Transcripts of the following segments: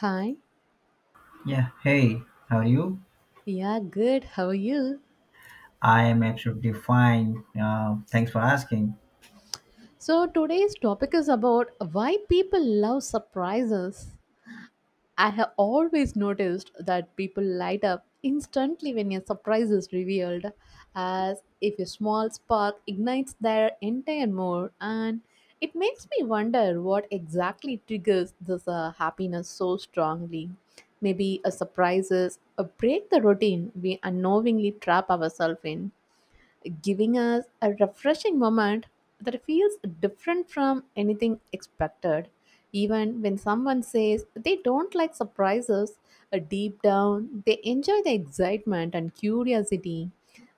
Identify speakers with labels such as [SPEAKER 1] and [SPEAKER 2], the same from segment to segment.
[SPEAKER 1] Hi.
[SPEAKER 2] Yeah, hey, how are you?
[SPEAKER 1] Yeah, good. How are you?
[SPEAKER 2] I am absolutely fine. Thanks for asking.
[SPEAKER 1] So, today's topic is about why people love surprises. I have always noticed that people light up instantly when a surprise is revealed, as if a small spark ignites their entire mood, and it makes me wonder what exactly triggers this happiness so strongly. Maybe a surprise is a break the routine we unknowingly trap ourselves in giving us a refreshing moment that feels different from anything expected. Even when someone says they don't like surprises, deep down they enjoy the excitement and curiosity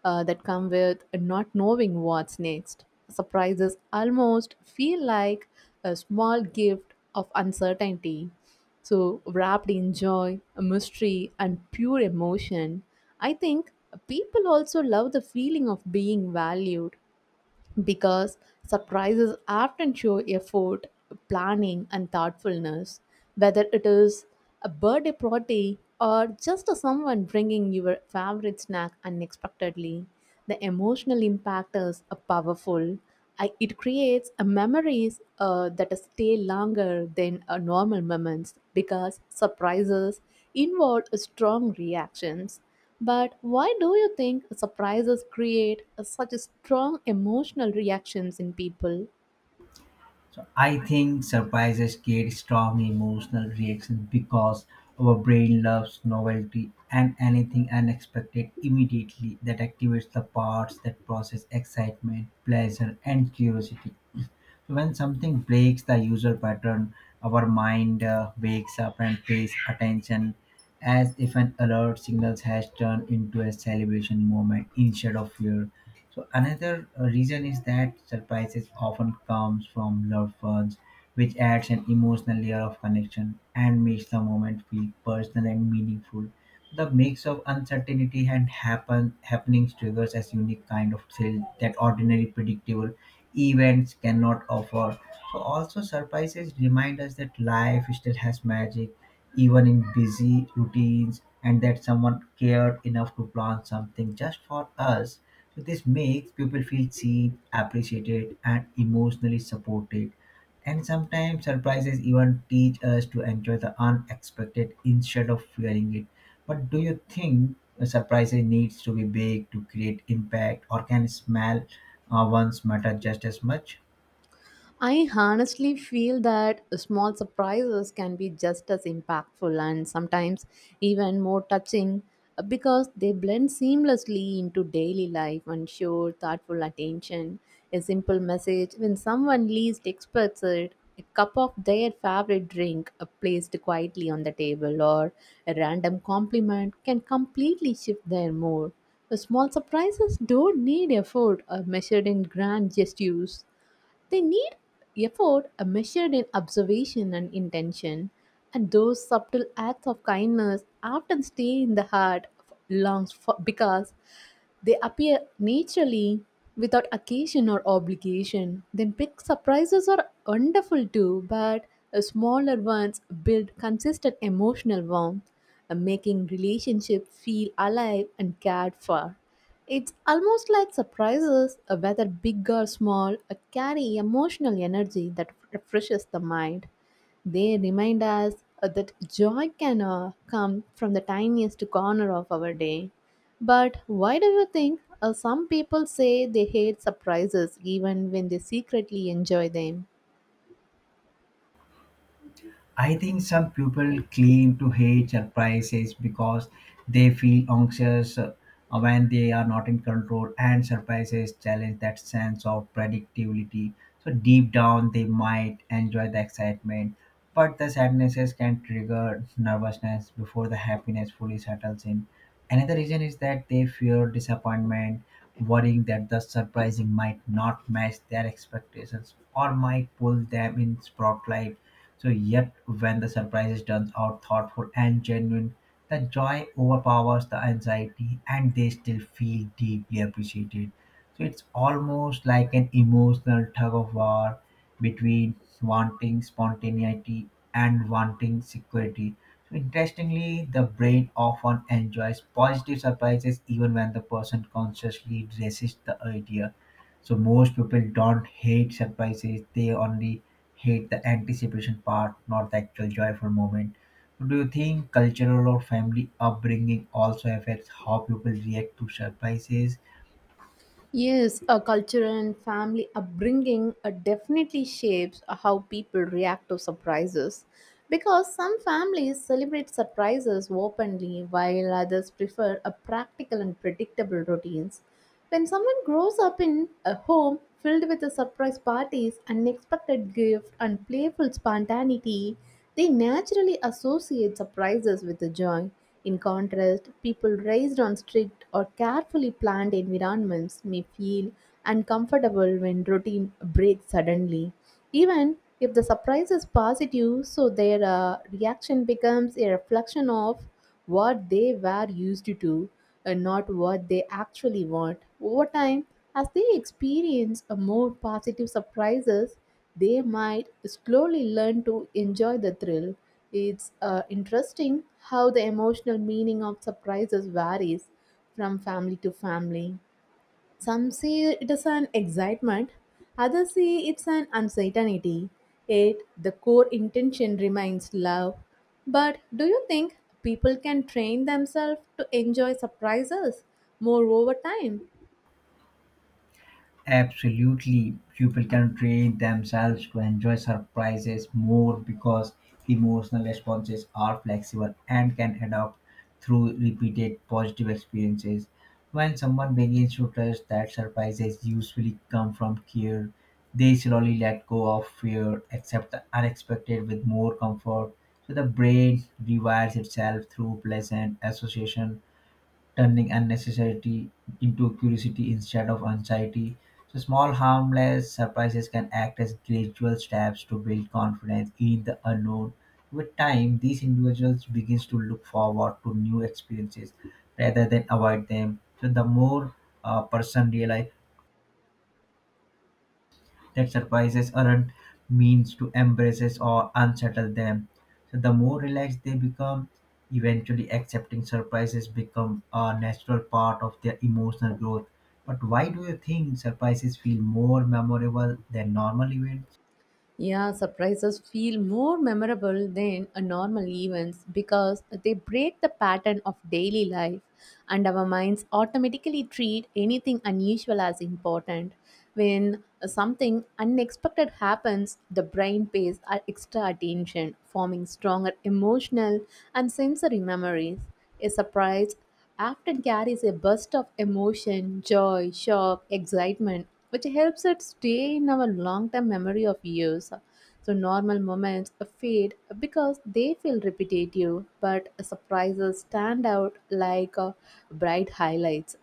[SPEAKER 1] that come with not knowing what's next. Surprises almost feel like a small gift of uncertainty so, wrapped in joy, mystery, and pure emotion. I think people also love the feeling of being valued because surprises often show effort, planning, and thoughtfulness. Whether it is a birthday party or just someone bringing your favorite snack unexpectedly, the emotional impact is powerful. It creates a memories that stay longer than normal moments because surprises involve strong reactions. But why do you think surprises create such strong emotional reactions in people?
[SPEAKER 2] I think surprises create strong emotional reactions because our brain loves novelty and anything unexpected immediately that activates the parts that process excitement, pleasure, and curiosity. When something breaks the user pattern, our mind wakes up and pays attention as if an alert signals has turned into a celebration moment instead of fear. So another reason is that surprises often comes from loved ones, which adds an emotional layer of connection and makes the moment feel personal and meaningful. The mix of uncertainty and happenings triggers a unique kind of thrill that ordinary predictable events cannot offer. So also surprises remind us that life still has magic, even in busy routines, and that someone cared enough to plan something just for us. So this makes people feel seen, appreciated, and emotionally supported and sometimes surprises even teach us to enjoy the unexpected instead of fearing it. But do you think a surprise needs to be big to create impact, or can smell ones matter just as much?
[SPEAKER 1] I honestly feel that small surprises can be just as impactful and sometimes even more touching because they blend seamlessly into daily life and show thoughtful attention. A simple message when someone least expects it, a cup of their favorite drink placed quietly on the table, or a random compliment can completely shift their mood. The small surprises don't need effort or measured in grand gestures. They need effort measured in observation and intention, and those subtle acts of kindness often stay in the heart long for, because they appear naturally without occasion or obligation. Then big surprises are wonderful too, but smaller ones build consistent emotional warmth, making relationships feel alive and cared for. It's almost like surprises, whether big or small, carry emotional energy that refreshes the mind. They remind us that joy can come from the tiniest corner of our day. But why do you think some people say they hate surprises even when they secretly enjoy them?
[SPEAKER 2] I think some people claim to hate surprises because they feel anxious when they are not in control, and surprises challenge that sense of predictability. So, deep down, they might enjoy the excitement, but the sadnesses can trigger nervousness before the happiness fully settles in. Another reason is that they fear disappointment, worrying that the surprising might not match their expectations or might pull them in spotlight so, yet when the surprise turns out thoughtful and genuine, the joy overpowers the anxiety and they still feel deeply appreciated. So, it's almost like an emotional tug of war between wanting spontaneity and wanting security. So, interestingly, the brain often enjoys positive surprises even when the person consciously resists the idea so most people don't hate surprises; they only hate the anticipation part, not the actual joyful moment. So do you think cultural or family upbringing also affects how people react to surprises?
[SPEAKER 1] Yes, a culture and family upbringing definitely shapes how people react to surprises. Because some families celebrate surprises openly while others prefer a practical and predictable routines. When someone grows up in a home filled with the surprise parties, unexpected gifts, and playful spontaneity, they naturally associate surprises with the joy. In contrast, people raised on strict or carefully planned environments may feel uncomfortable when routine breaks suddenly. Even if the surprise is positive, so their reaction becomes a reflection of what they were used to and not what they actually want. Over time, as they experience a more positive surprises, they might slowly learn to enjoy the thrill. It's interesting how the emotional meaning of surprises varies from family to family. Some see it as an excitement, others see it's an uncertainty. Yet the core intention remains love. But do you think people can train themselves to enjoy surprises more over time?
[SPEAKER 2] Absolutely. People can train themselves to enjoy surprises more because emotional responses are flexible and can adapt through repeated positive experiences. When someone begins to trust that surprises usually come from care, they slowly let go of fear, accept the unexpected with more comfort. So the brain rewires itself through pleasant association turning unnecessity into curiosity instead of anxiety. So, small, harmless surprises can act as gradual steps to build confidence in the unknown. With time, these individuals begins to look forward to new experiences rather than avoid them. So, the more a person realize that surprises aren't means to embrace or unsettle them. So the more relaxed they become, eventually accepting surprises become a natural part of their emotional growth. But why do you think surprises feel more memorable than normal events?
[SPEAKER 1] Yeah, surprises feel more memorable than a normal events because they break the pattern of daily life and our minds automatically treat anything unusual as important. When something unexpected happens, the brain pays extra attention, forming stronger emotional and sensory memories. A surprise often carries a burst of emotion, joy, shock, excitement, which helps it stay in our long term memory of years. So, normal moments fade because they feel repetitive, but surprises stand out like bright highlights.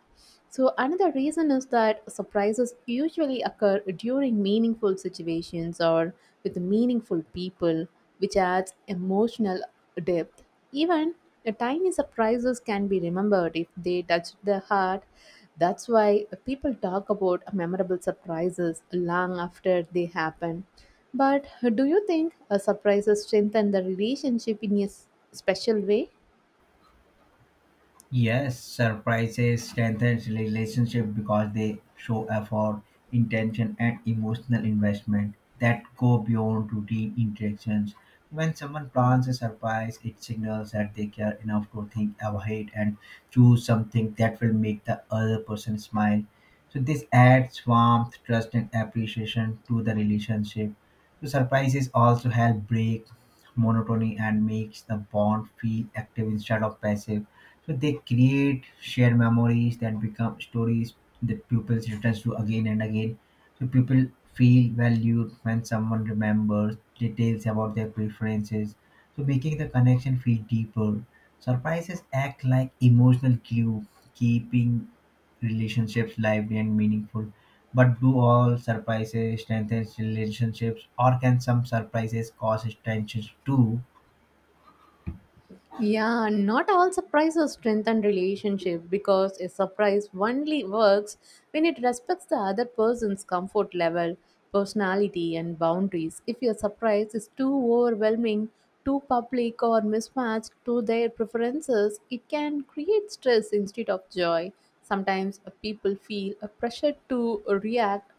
[SPEAKER 1] So, another reason is that surprises usually occur during meaningful situations or with meaningful people, which adds emotional depth. Even the tiny surprises can be remembered if they touch the heart. That's why people talk about memorable surprises long after they happen. But do you think surprises strengthen the relationship in a special way?
[SPEAKER 2] Yes, surprises strengthen relationship because they show effort, intention, and emotional investment that go beyond routine interactions. When someone plans a surprise, it signals that they care enough to think ahead and choose something that will make the other person smile. So this adds warmth, trust, and appreciation to the relationship. So surprises also help break monotony and makes the bond feel active instead of passive. So they create shared memories that become stories that pupils return to again and again. So people feel valued when someone remembers details about their preferences. So making the connection feel deeper. Surprises act like emotional glue, keeping relationships lively and meaningful. But do all surprises strengthen relationships, or can some surprises cause tensions too?
[SPEAKER 1] Yeah, not all surprises strengthen relationship because a surprise only works when it respects the other person's comfort level, personality, and boundaries. If your surprise is too overwhelming, too public, or mismatched to their preferences, it can create stress instead of joy. Sometimes people feel a pressure to react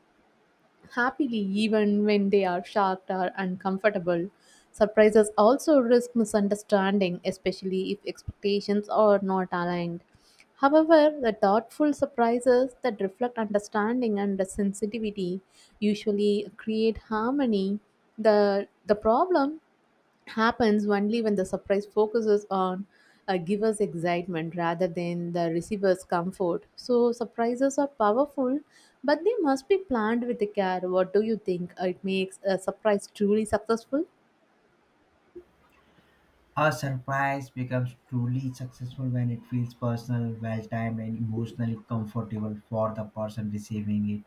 [SPEAKER 1] happily even when they are shocked or uncomfortable. Surprises also risk misunderstanding, especially if expectations are not aligned. However, the thoughtful surprises that reflect understanding and sensitivity usually create harmony. The problem happens only when the surprise focuses on a giver's excitement rather than the receiver's comfort. So, surprises are powerful, but they must be planned with care. What do you think? It makes a surprise truly successful?
[SPEAKER 2] A surprise becomes truly successful when it feels personal, well timed, and emotionally comfortable for the person receiving it.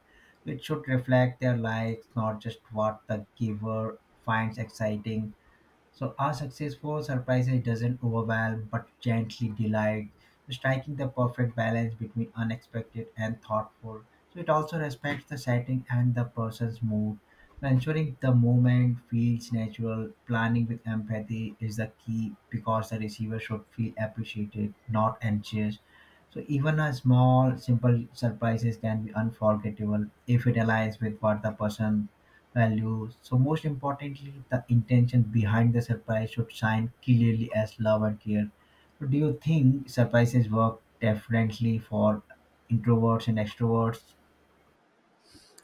[SPEAKER 2] It should reflect their likes, not just what the giver finds exciting. So our successful surprises doesn't overwhelm but gently delight, striking the perfect balance between unexpected and thoughtful. So it also respects the setting and the person's mood, ensuring the moment feels natural. Planning with empathy is the key because the receiver should feel appreciated, not anxious. So even a small, simple surprises can be unforgettable if it aligns with what the person values. So most importantly, the intention behind the surprise should shine clearly as love and care. So do you think surprises work differently for introverts and extroverts?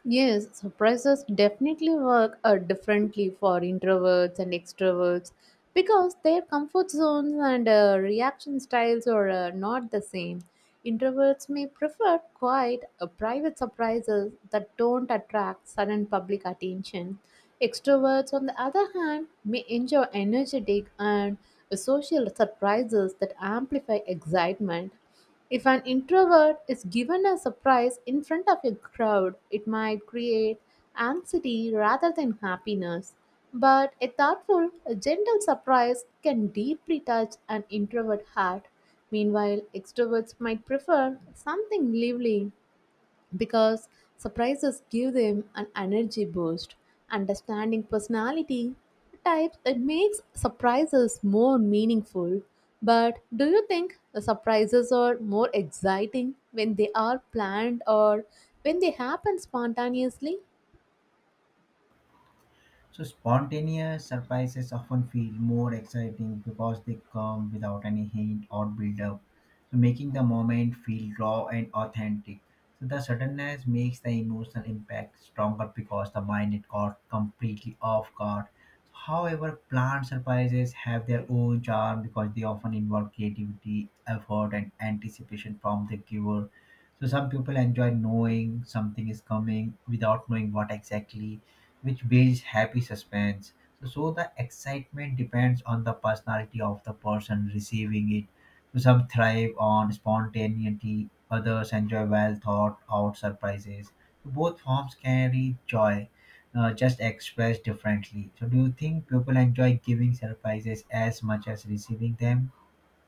[SPEAKER 1] Yes, surprises definitely work differently for introverts and extroverts because their comfort zones and reaction styles are not the same. Introverts may prefer quiet, private surprises that don't attract sudden public attention. Extroverts, on the other hand, may enjoy energetic and social surprises that amplify excitement. If an introvert is given a surprise in front of a crowd, it might create anxiety rather than happiness. But a thoughtful, a gentle surprise can deeply touch an introvert heart. Meanwhile, extroverts might prefer something lively because surprises give them an energy boost. Understanding personality types it makes surprises more meaningful. But do you think the surprises are more exciting when they are planned or when they happen spontaneously?
[SPEAKER 2] So spontaneous surprises often feel more exciting because they come without any hint or build up. So making the moment feel raw and authentic. So the suddenness makes the emotional impact stronger because the mind is caught completely off guard. However, planned surprises have their own charm because they often involve creativity, effort, and anticipation from the giver. So some people enjoy knowing something is coming without knowing what exactly which builds happy suspense. So the excitement depends on the personality of the person receiving it. So some thrive on spontaneity, others enjoy well thought out surprises. Both forms carry joy, just expressed differently. So do you think people enjoy giving surprises as much as receiving them?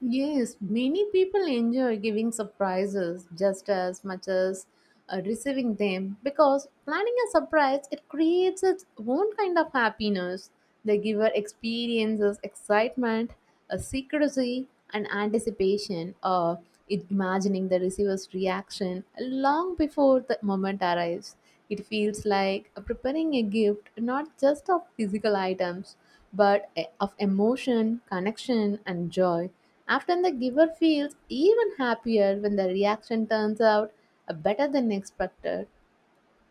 [SPEAKER 1] Yes, many people enjoy giving surprises just as much as receiving them because planning a surprise it creates its own kind of happiness. The giver experiences excitement, a secrecy, and anticipation of imagining the receiver's reaction long before the moment arrives. It feels like preparing a gift, not just of physical items but of emotion, connection, and joy. Often the giver feels even happier when the reaction turns out better than expected.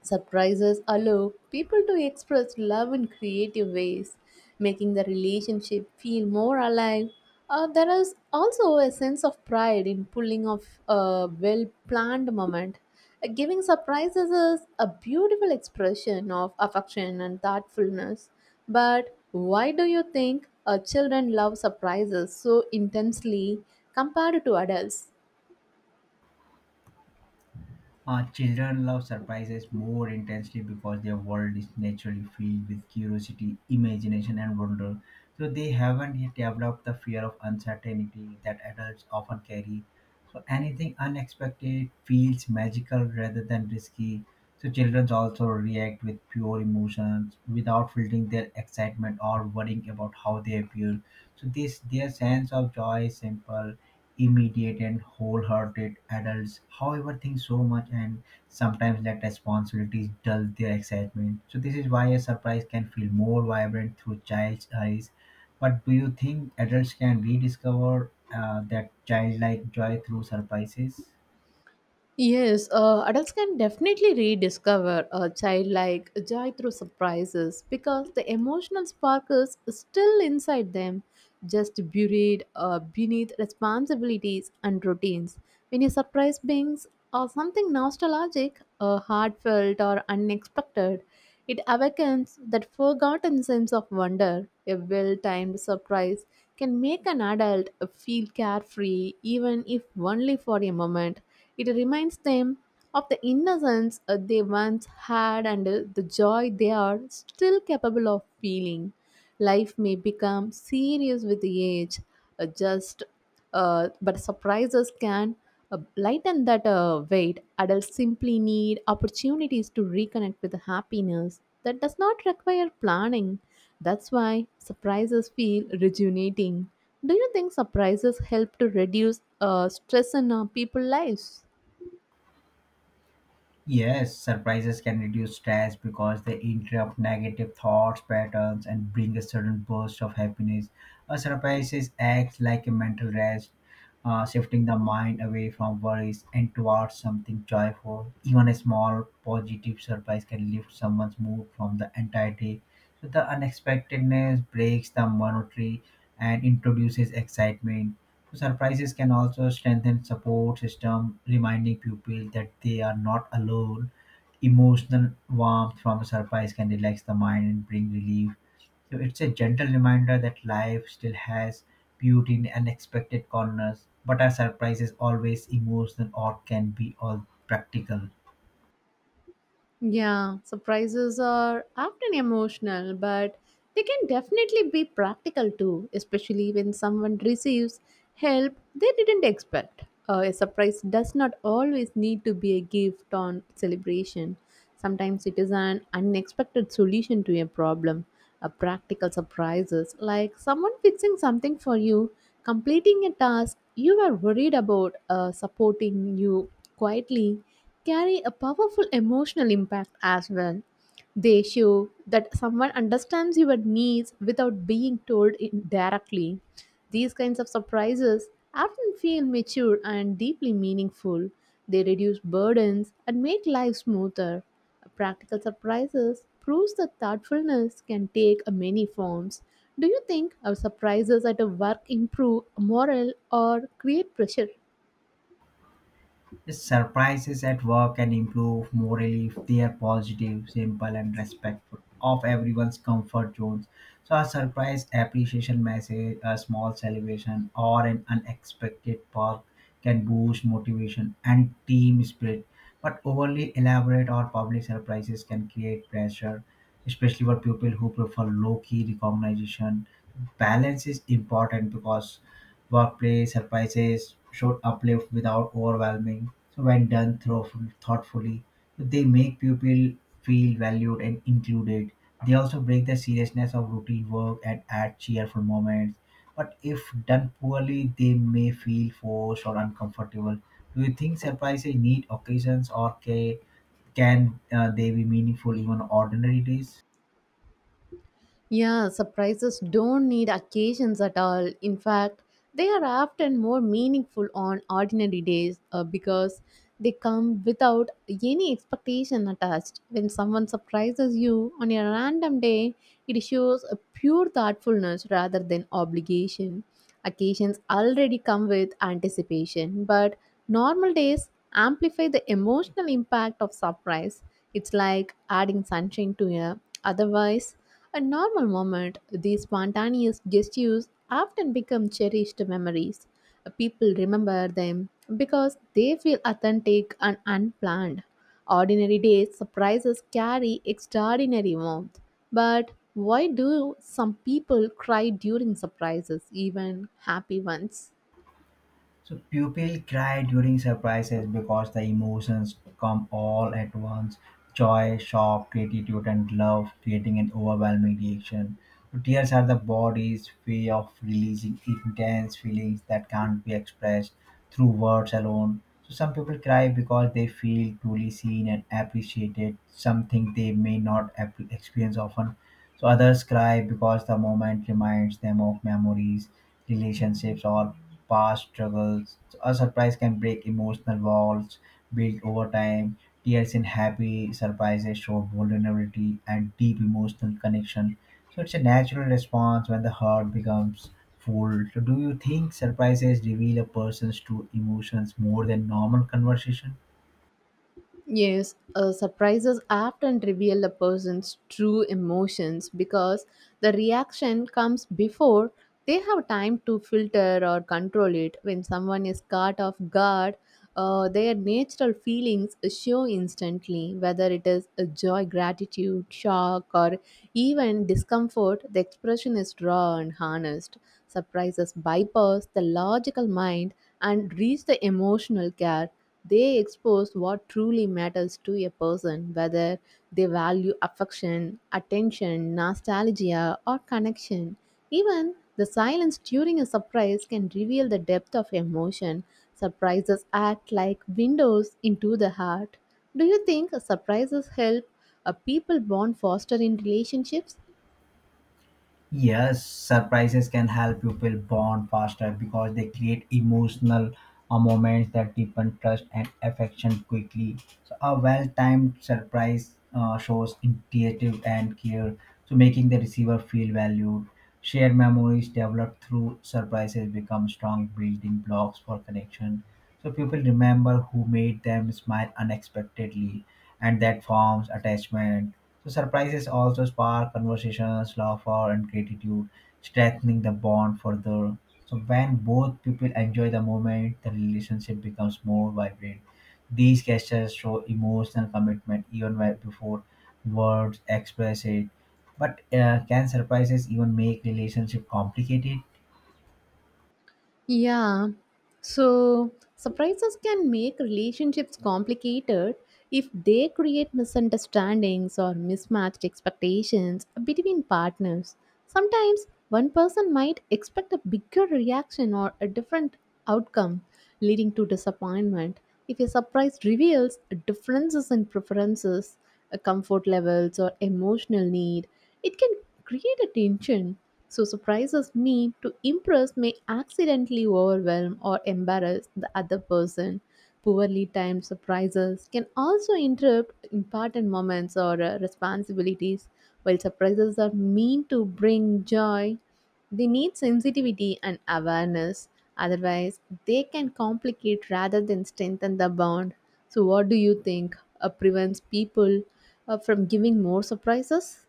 [SPEAKER 1] Surprises allow people to express love in creative ways, making the relationship feel more alive. There is also a sense of pride in pulling off a well planned moment. Giving surprises is a beautiful expression of affection and thoughtfulness. But why do you think children love surprises so intensely compared to adults?
[SPEAKER 2] Children love surprises more intensely because their world is naturally filled with curiosity, imagination, and wonder. So they haven't yet developed the fear of uncertainty that adults often carry. So anything unexpected feels magical rather than risky. So children also react with pure emotions without filtering their excitement or worrying about how they appear. So this their sense of joy is simple. Immediate and wholehearted adults, however, think so much and sometimes let responsibilities dull their excitement. So, this is why a surprise can feel more vibrant through child's eyes. But do you think adults can rediscover that childlike joy through surprises?
[SPEAKER 1] Yes, adults can definitely rediscover a childlike joy through surprises because the emotional spark is still inside them, just buried beneath responsibilities and routines. When a surprise brings or something nostalgic, heartfelt, or unexpected, it awakens that forgotten sense of wonder. A well timed surprise can make an adult feel carefree, even if only for a moment. It reminds them of the innocence they once had and the joy they are still capable of feeling. Life may become serious with age, just but surprises can lighten that weight. Adults simply need opportunities to reconnect with happiness that does not require planning. That's why surprises feel rejuvenating. Do you think surprises help to reduce stress in people's lives?
[SPEAKER 2] Yes, surprises can reduce stress because they interrupt negative thoughts patterns and bring a sudden burst of happiness. A surprise acts like a mental rest, shifting the mind away from worries and towards something joyful. Even a small positive surprise can lift someone's mood from the entire day so the unexpectedness breaks the monotony and introduces excitement. So surprises can also strengthen support system, reminding people that they are not alone. Emotional warmth from a surprise can relax the mind and bring relief. So it's a gentle reminder that life still has beauty in unexpected corners, but our surprises always emotional or can be all practical.
[SPEAKER 1] Yeah, surprises are often emotional, but they can definitely be practical too, especially when someone receives help they didn't expect. A surprise does not always need to be a gift or celebration. Sometimes it is an unexpected solution to a problem. A practical surprises like someone fixing something for you, completing a task you were worried about, supporting you quietly, carry a powerful emotional impact as well. They show that someone understands your needs without being told it directly. These kinds of surprises often feel mature and deeply meaningful. They reduce burdens and make life smoother. Practical surprises proves that thoughtfulness can take many forms. Do you think our surprises at work improve morale or create pressure?
[SPEAKER 2] Yes, surprises at work can improve morally if they are positive, simple, and respectful of everyone's comfort zones. So, a surprise appreciation message, a small celebration, or an unexpected perk can boost motivation and team spirit. But overly elaborate or public surprises can create pressure, especially for people who prefer low key recognition. Balance is important because workplace surprises should uplift without overwhelming. So when done thoughtfully, they make people feel valued and included. They also break the seriousness of routine work and add cheerful moments. But if done poorly, they may feel forced or uncomfortable. Do you think surprises need occasions or can they be meaningful even on ordinary days?
[SPEAKER 1] Yeah, surprises don't need occasions at all. In fact, they are often more meaningful on ordinary days because they come without any expectation attached. When someone surprises you on a random day, it shows a pure thoughtfulness rather than obligation. Occasions already come with anticipation, but normal days amplify the emotional impact of surprise. It's like adding sunshine to a otherwise a normal moment. These spontaneous gestures often become cherished memories. People remember them because they feel authentic and unplanned. Ordinary days surprises carry extraordinary warmth. But why do some people cry during surprises, even happy ones?
[SPEAKER 2] So pupil cry during surprises because the emotions come all at once. Joy, shock, gratitude, and love, creating an overwhelming reaction. So tears are the body's way of releasing intense feelings that can't be expressed through words alone. So some people cry because they feel truly seen and appreciated, something they may not experience often. So others cry because the moment reminds them of memories relationships, or past struggles. A surprise can break emotional walls built over time. Tears in happy surprises show vulnerability and deep emotional connection. So it's a natural response when the heart becomes full. So do you think surprises reveal a person's true emotions more than normal conversation?
[SPEAKER 1] Yes, surprises often reveal a person's true emotions because the reaction comes before they have time to filter or control it. When someone is caught off guard, their natural feelings show instantly, whether it is a joy, gratitude, shock, or even discomfort. The expression is raw and honest. Surprises bypass the logical mind and reach the emotional care. They expose what truly matters to a person, whether they value affection, attention, nostalgia, or connection. Even the silence during a surprise can reveal the depth of emotion. Surprises act like windows into the heart. Do you think surprises help a people bond faster in relationships?
[SPEAKER 2] Yes, surprises can help people bond faster because they create emotional moments that deepen trust and affection quickly. So, a well timed surprise shows initiative and care, so making the receiver feel valued. Shared memories developed through surprises become strong building blocks for connection. So, people remember who made them smile unexpectedly, and that forms attachment so surprises also spark conversations, laughter, and gratitude, strengthening the bond further. So when both people enjoy the moment, the relationship becomes more vibrant. These gestures show emotional commitment before words express it. But can surprises even make relationship complicated?
[SPEAKER 1] Yeah. So surprises can make relationships complicated if they create misunderstandings or mismatched expectations between partners. Sometimes one person might expect a bigger reaction or a different outcome, leading to disappointment. If a surprise reveals differences in preferences, comfort levels, or emotional need, it can create a tension. So, surprises mean to impress may accidentally overwhelm or embarrass the other person. Poorly timed surprises can also interrupt important moments or responsibilities. While surprises are meant to bring joy, they need sensitivity and awareness. Otherwise, they can complicate rather than strengthen the bond. So, what do you think prevents people from giving more surprises?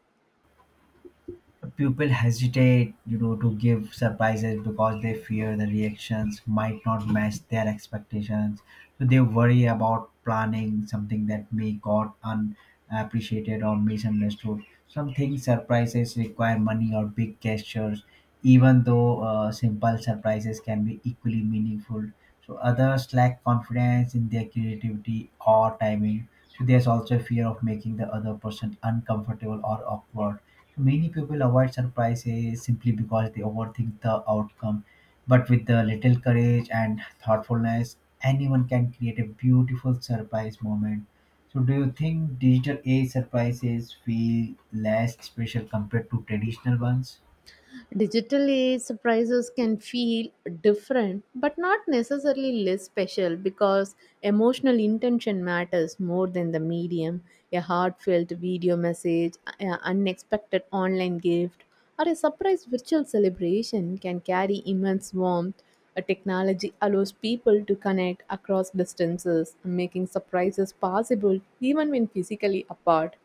[SPEAKER 2] People hesitate to give surprises because they fear the reactions might not match their expectations so they worry about planning something that may got unappreciated or misunderstood some things surprises require money or big gestures even though simple surprises can be equally meaningful so others lack confidence in their creativity or timing so there's also fear of making the other person uncomfortable or awkward. Many people avoid surprises simply because they overthink the outcome. But with a little courage and thoughtfulness, anyone can create a beautiful surprise moment. So, do you think digital age surprises feel less special compared to traditional ones?
[SPEAKER 1] Digital age surprises can feel different, but not necessarily less special because emotional intention matters more than the medium. A heartfelt video message, an unexpected online gift, or a surprise virtual celebration can carry immense warmth. A technology allows people to connect across distances, making surprises possible even when physically apart.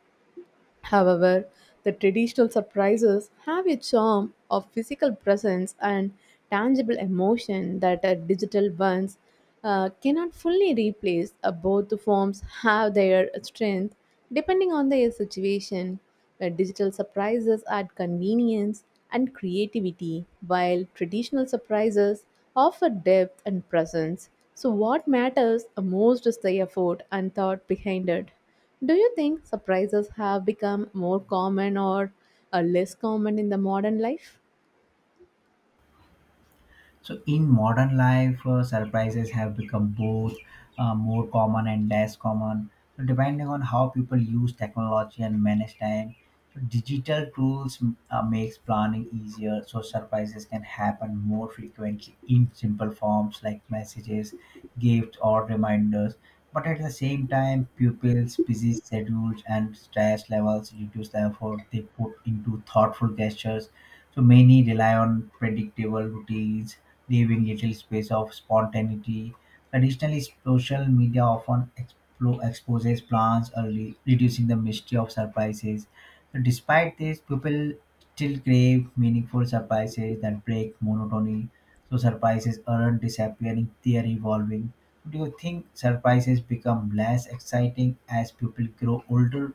[SPEAKER 1] However, the traditional surprises have a charm of physical presence and tangible emotion that digital ones cannot fully replace. Both the forms have their strength depending on the situation. Digital surprises add convenience and creativity, while traditional surprises offer depth and presence. So, what matters most is the effort and thought behind it. Do you think surprises have become more common or less common in the modern life?
[SPEAKER 2] So in modern life, surprises have become both more common and less common. So depending on how people use technology and manage time, so digital tools makes planning easier. So surprises can happen more frequently in simple forms like messages, gifts, or reminders. But at the same time, pupils' busy schedules and stress levels reduce the effort they put into thoughtful gestures. So many rely on predictable routines leaving little space of spontaneity. Additionally, social media often exposes plans early, reducing the mystery of surprises. So despite this, people still crave meaningful surprises that break monotony. So surprises aren't disappearing, they are evolving. Do you think surprises become less exciting as people grow older?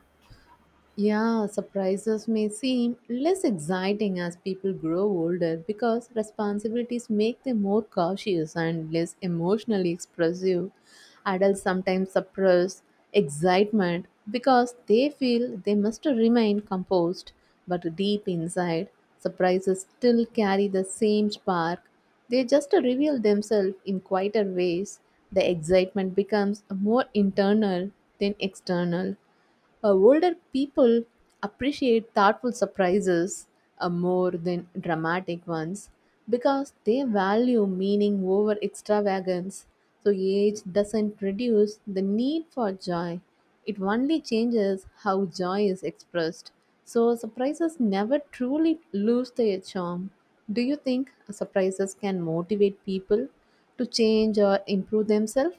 [SPEAKER 1] Yeah, surprises may seem less exciting as people grow older because responsibilities make them more cautious and less emotionally expressive. Adults sometimes suppress excitement because they feel they must remain composed, but deep inside, surprises still carry the same spark. They just reveal themselves in quieter ways. The excitement becomes more internal than external. Older people appreciate thoughtful surprises more than dramatic ones because they value meaning over extravagance. So, age doesn't reduce the need for joy, it only changes how joy is expressed. So, surprises never truly lose their charm. Do you think surprises can motivate people to change or improve themselves?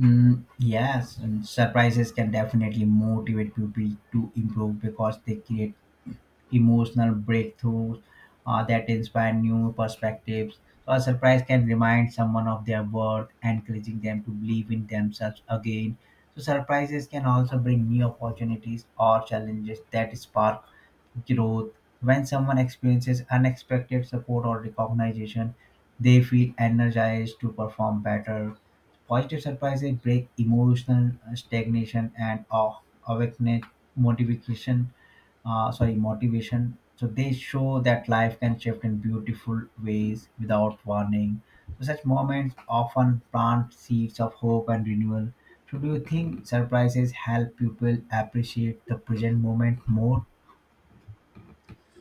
[SPEAKER 2] Yes, and surprises can definitely motivate people to improve because they create emotional breakthroughs that inspire new perspectives. So a surprise can remind someone of their worth, encouraging them to believe in themselves again. So surprises can also bring new opportunities or challenges that spark growth. When someone experiences unexpected support or recognition, they feel energized to perform better. Positive surprises break emotional stagnation and awaken motivation, sorry, motivation so they show that life can shift in beautiful ways without warning so such moments often plant seeds of hope and renewal so do you think surprises help people appreciate the present moment more?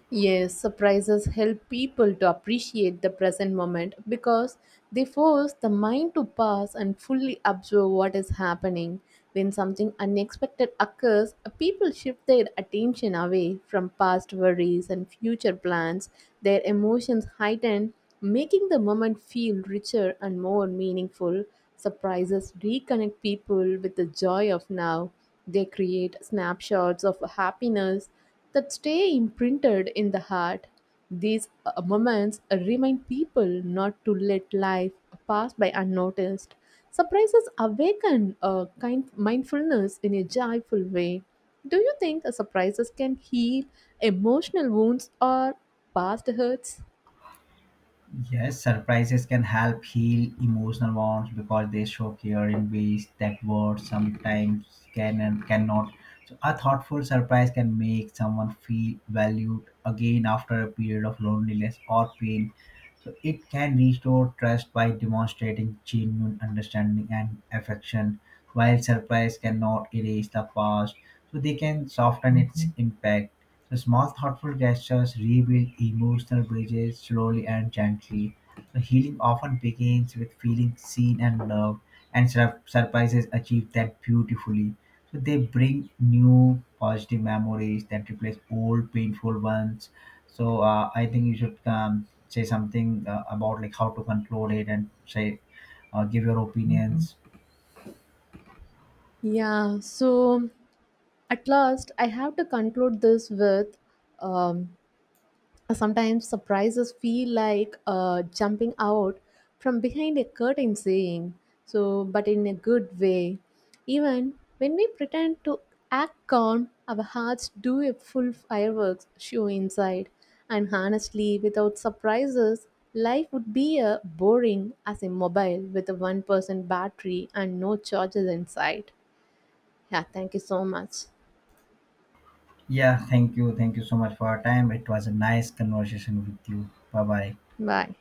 [SPEAKER 1] Yes, surprises help people to appreciate the present moment because they force the mind to pause and fully observe what is happening. When something unexpected occurs, people shift their attention away from past worries and future plans. Their emotions heighten, making the moment feel richer and more meaningful. Surprises reconnect people with the joy of now. They create snapshots of happiness that stay imprinted in the heart. These moments remind people not to let life pass by unnoticed. Surprises awaken a kind mindfulness in a joyful way. Do you think surprises can heal emotional wounds or past hurts?
[SPEAKER 2] Yes, surprises can help heal emotional wounds because they show care in ways that words sometimes can and cannot. So, a thoughtful surprise can make someone feel valued again after a period of loneliness or pain. So, it can restore trust by demonstrating genuine understanding and affection, while surprise cannot erase the past. So, they can soften its impact. So small thoughtful gestures rebuild emotional bridges slowly and gently. So healing often begins with feeling seen and loved, and surprises achieve that beautifully. So they bring new positive memories that replace old painful ones. So I think you should say something about like how to control it and say give your opinions.
[SPEAKER 1] Yeah, so at last I have to conclude this with um, sometimes surprises feel like jumping out from behind a curtain saying, so, but in a good way. Even when we pretend to act calm, our hearts do a full fireworks show inside. And honestly, without surprises, life would be a boring as a mobile with a 1% battery and no charges inside. Yeah, thank you so much.
[SPEAKER 2] Yeah, thank you so much for your time. It was a nice conversation with you. Bye bye.
[SPEAKER 1] Bye.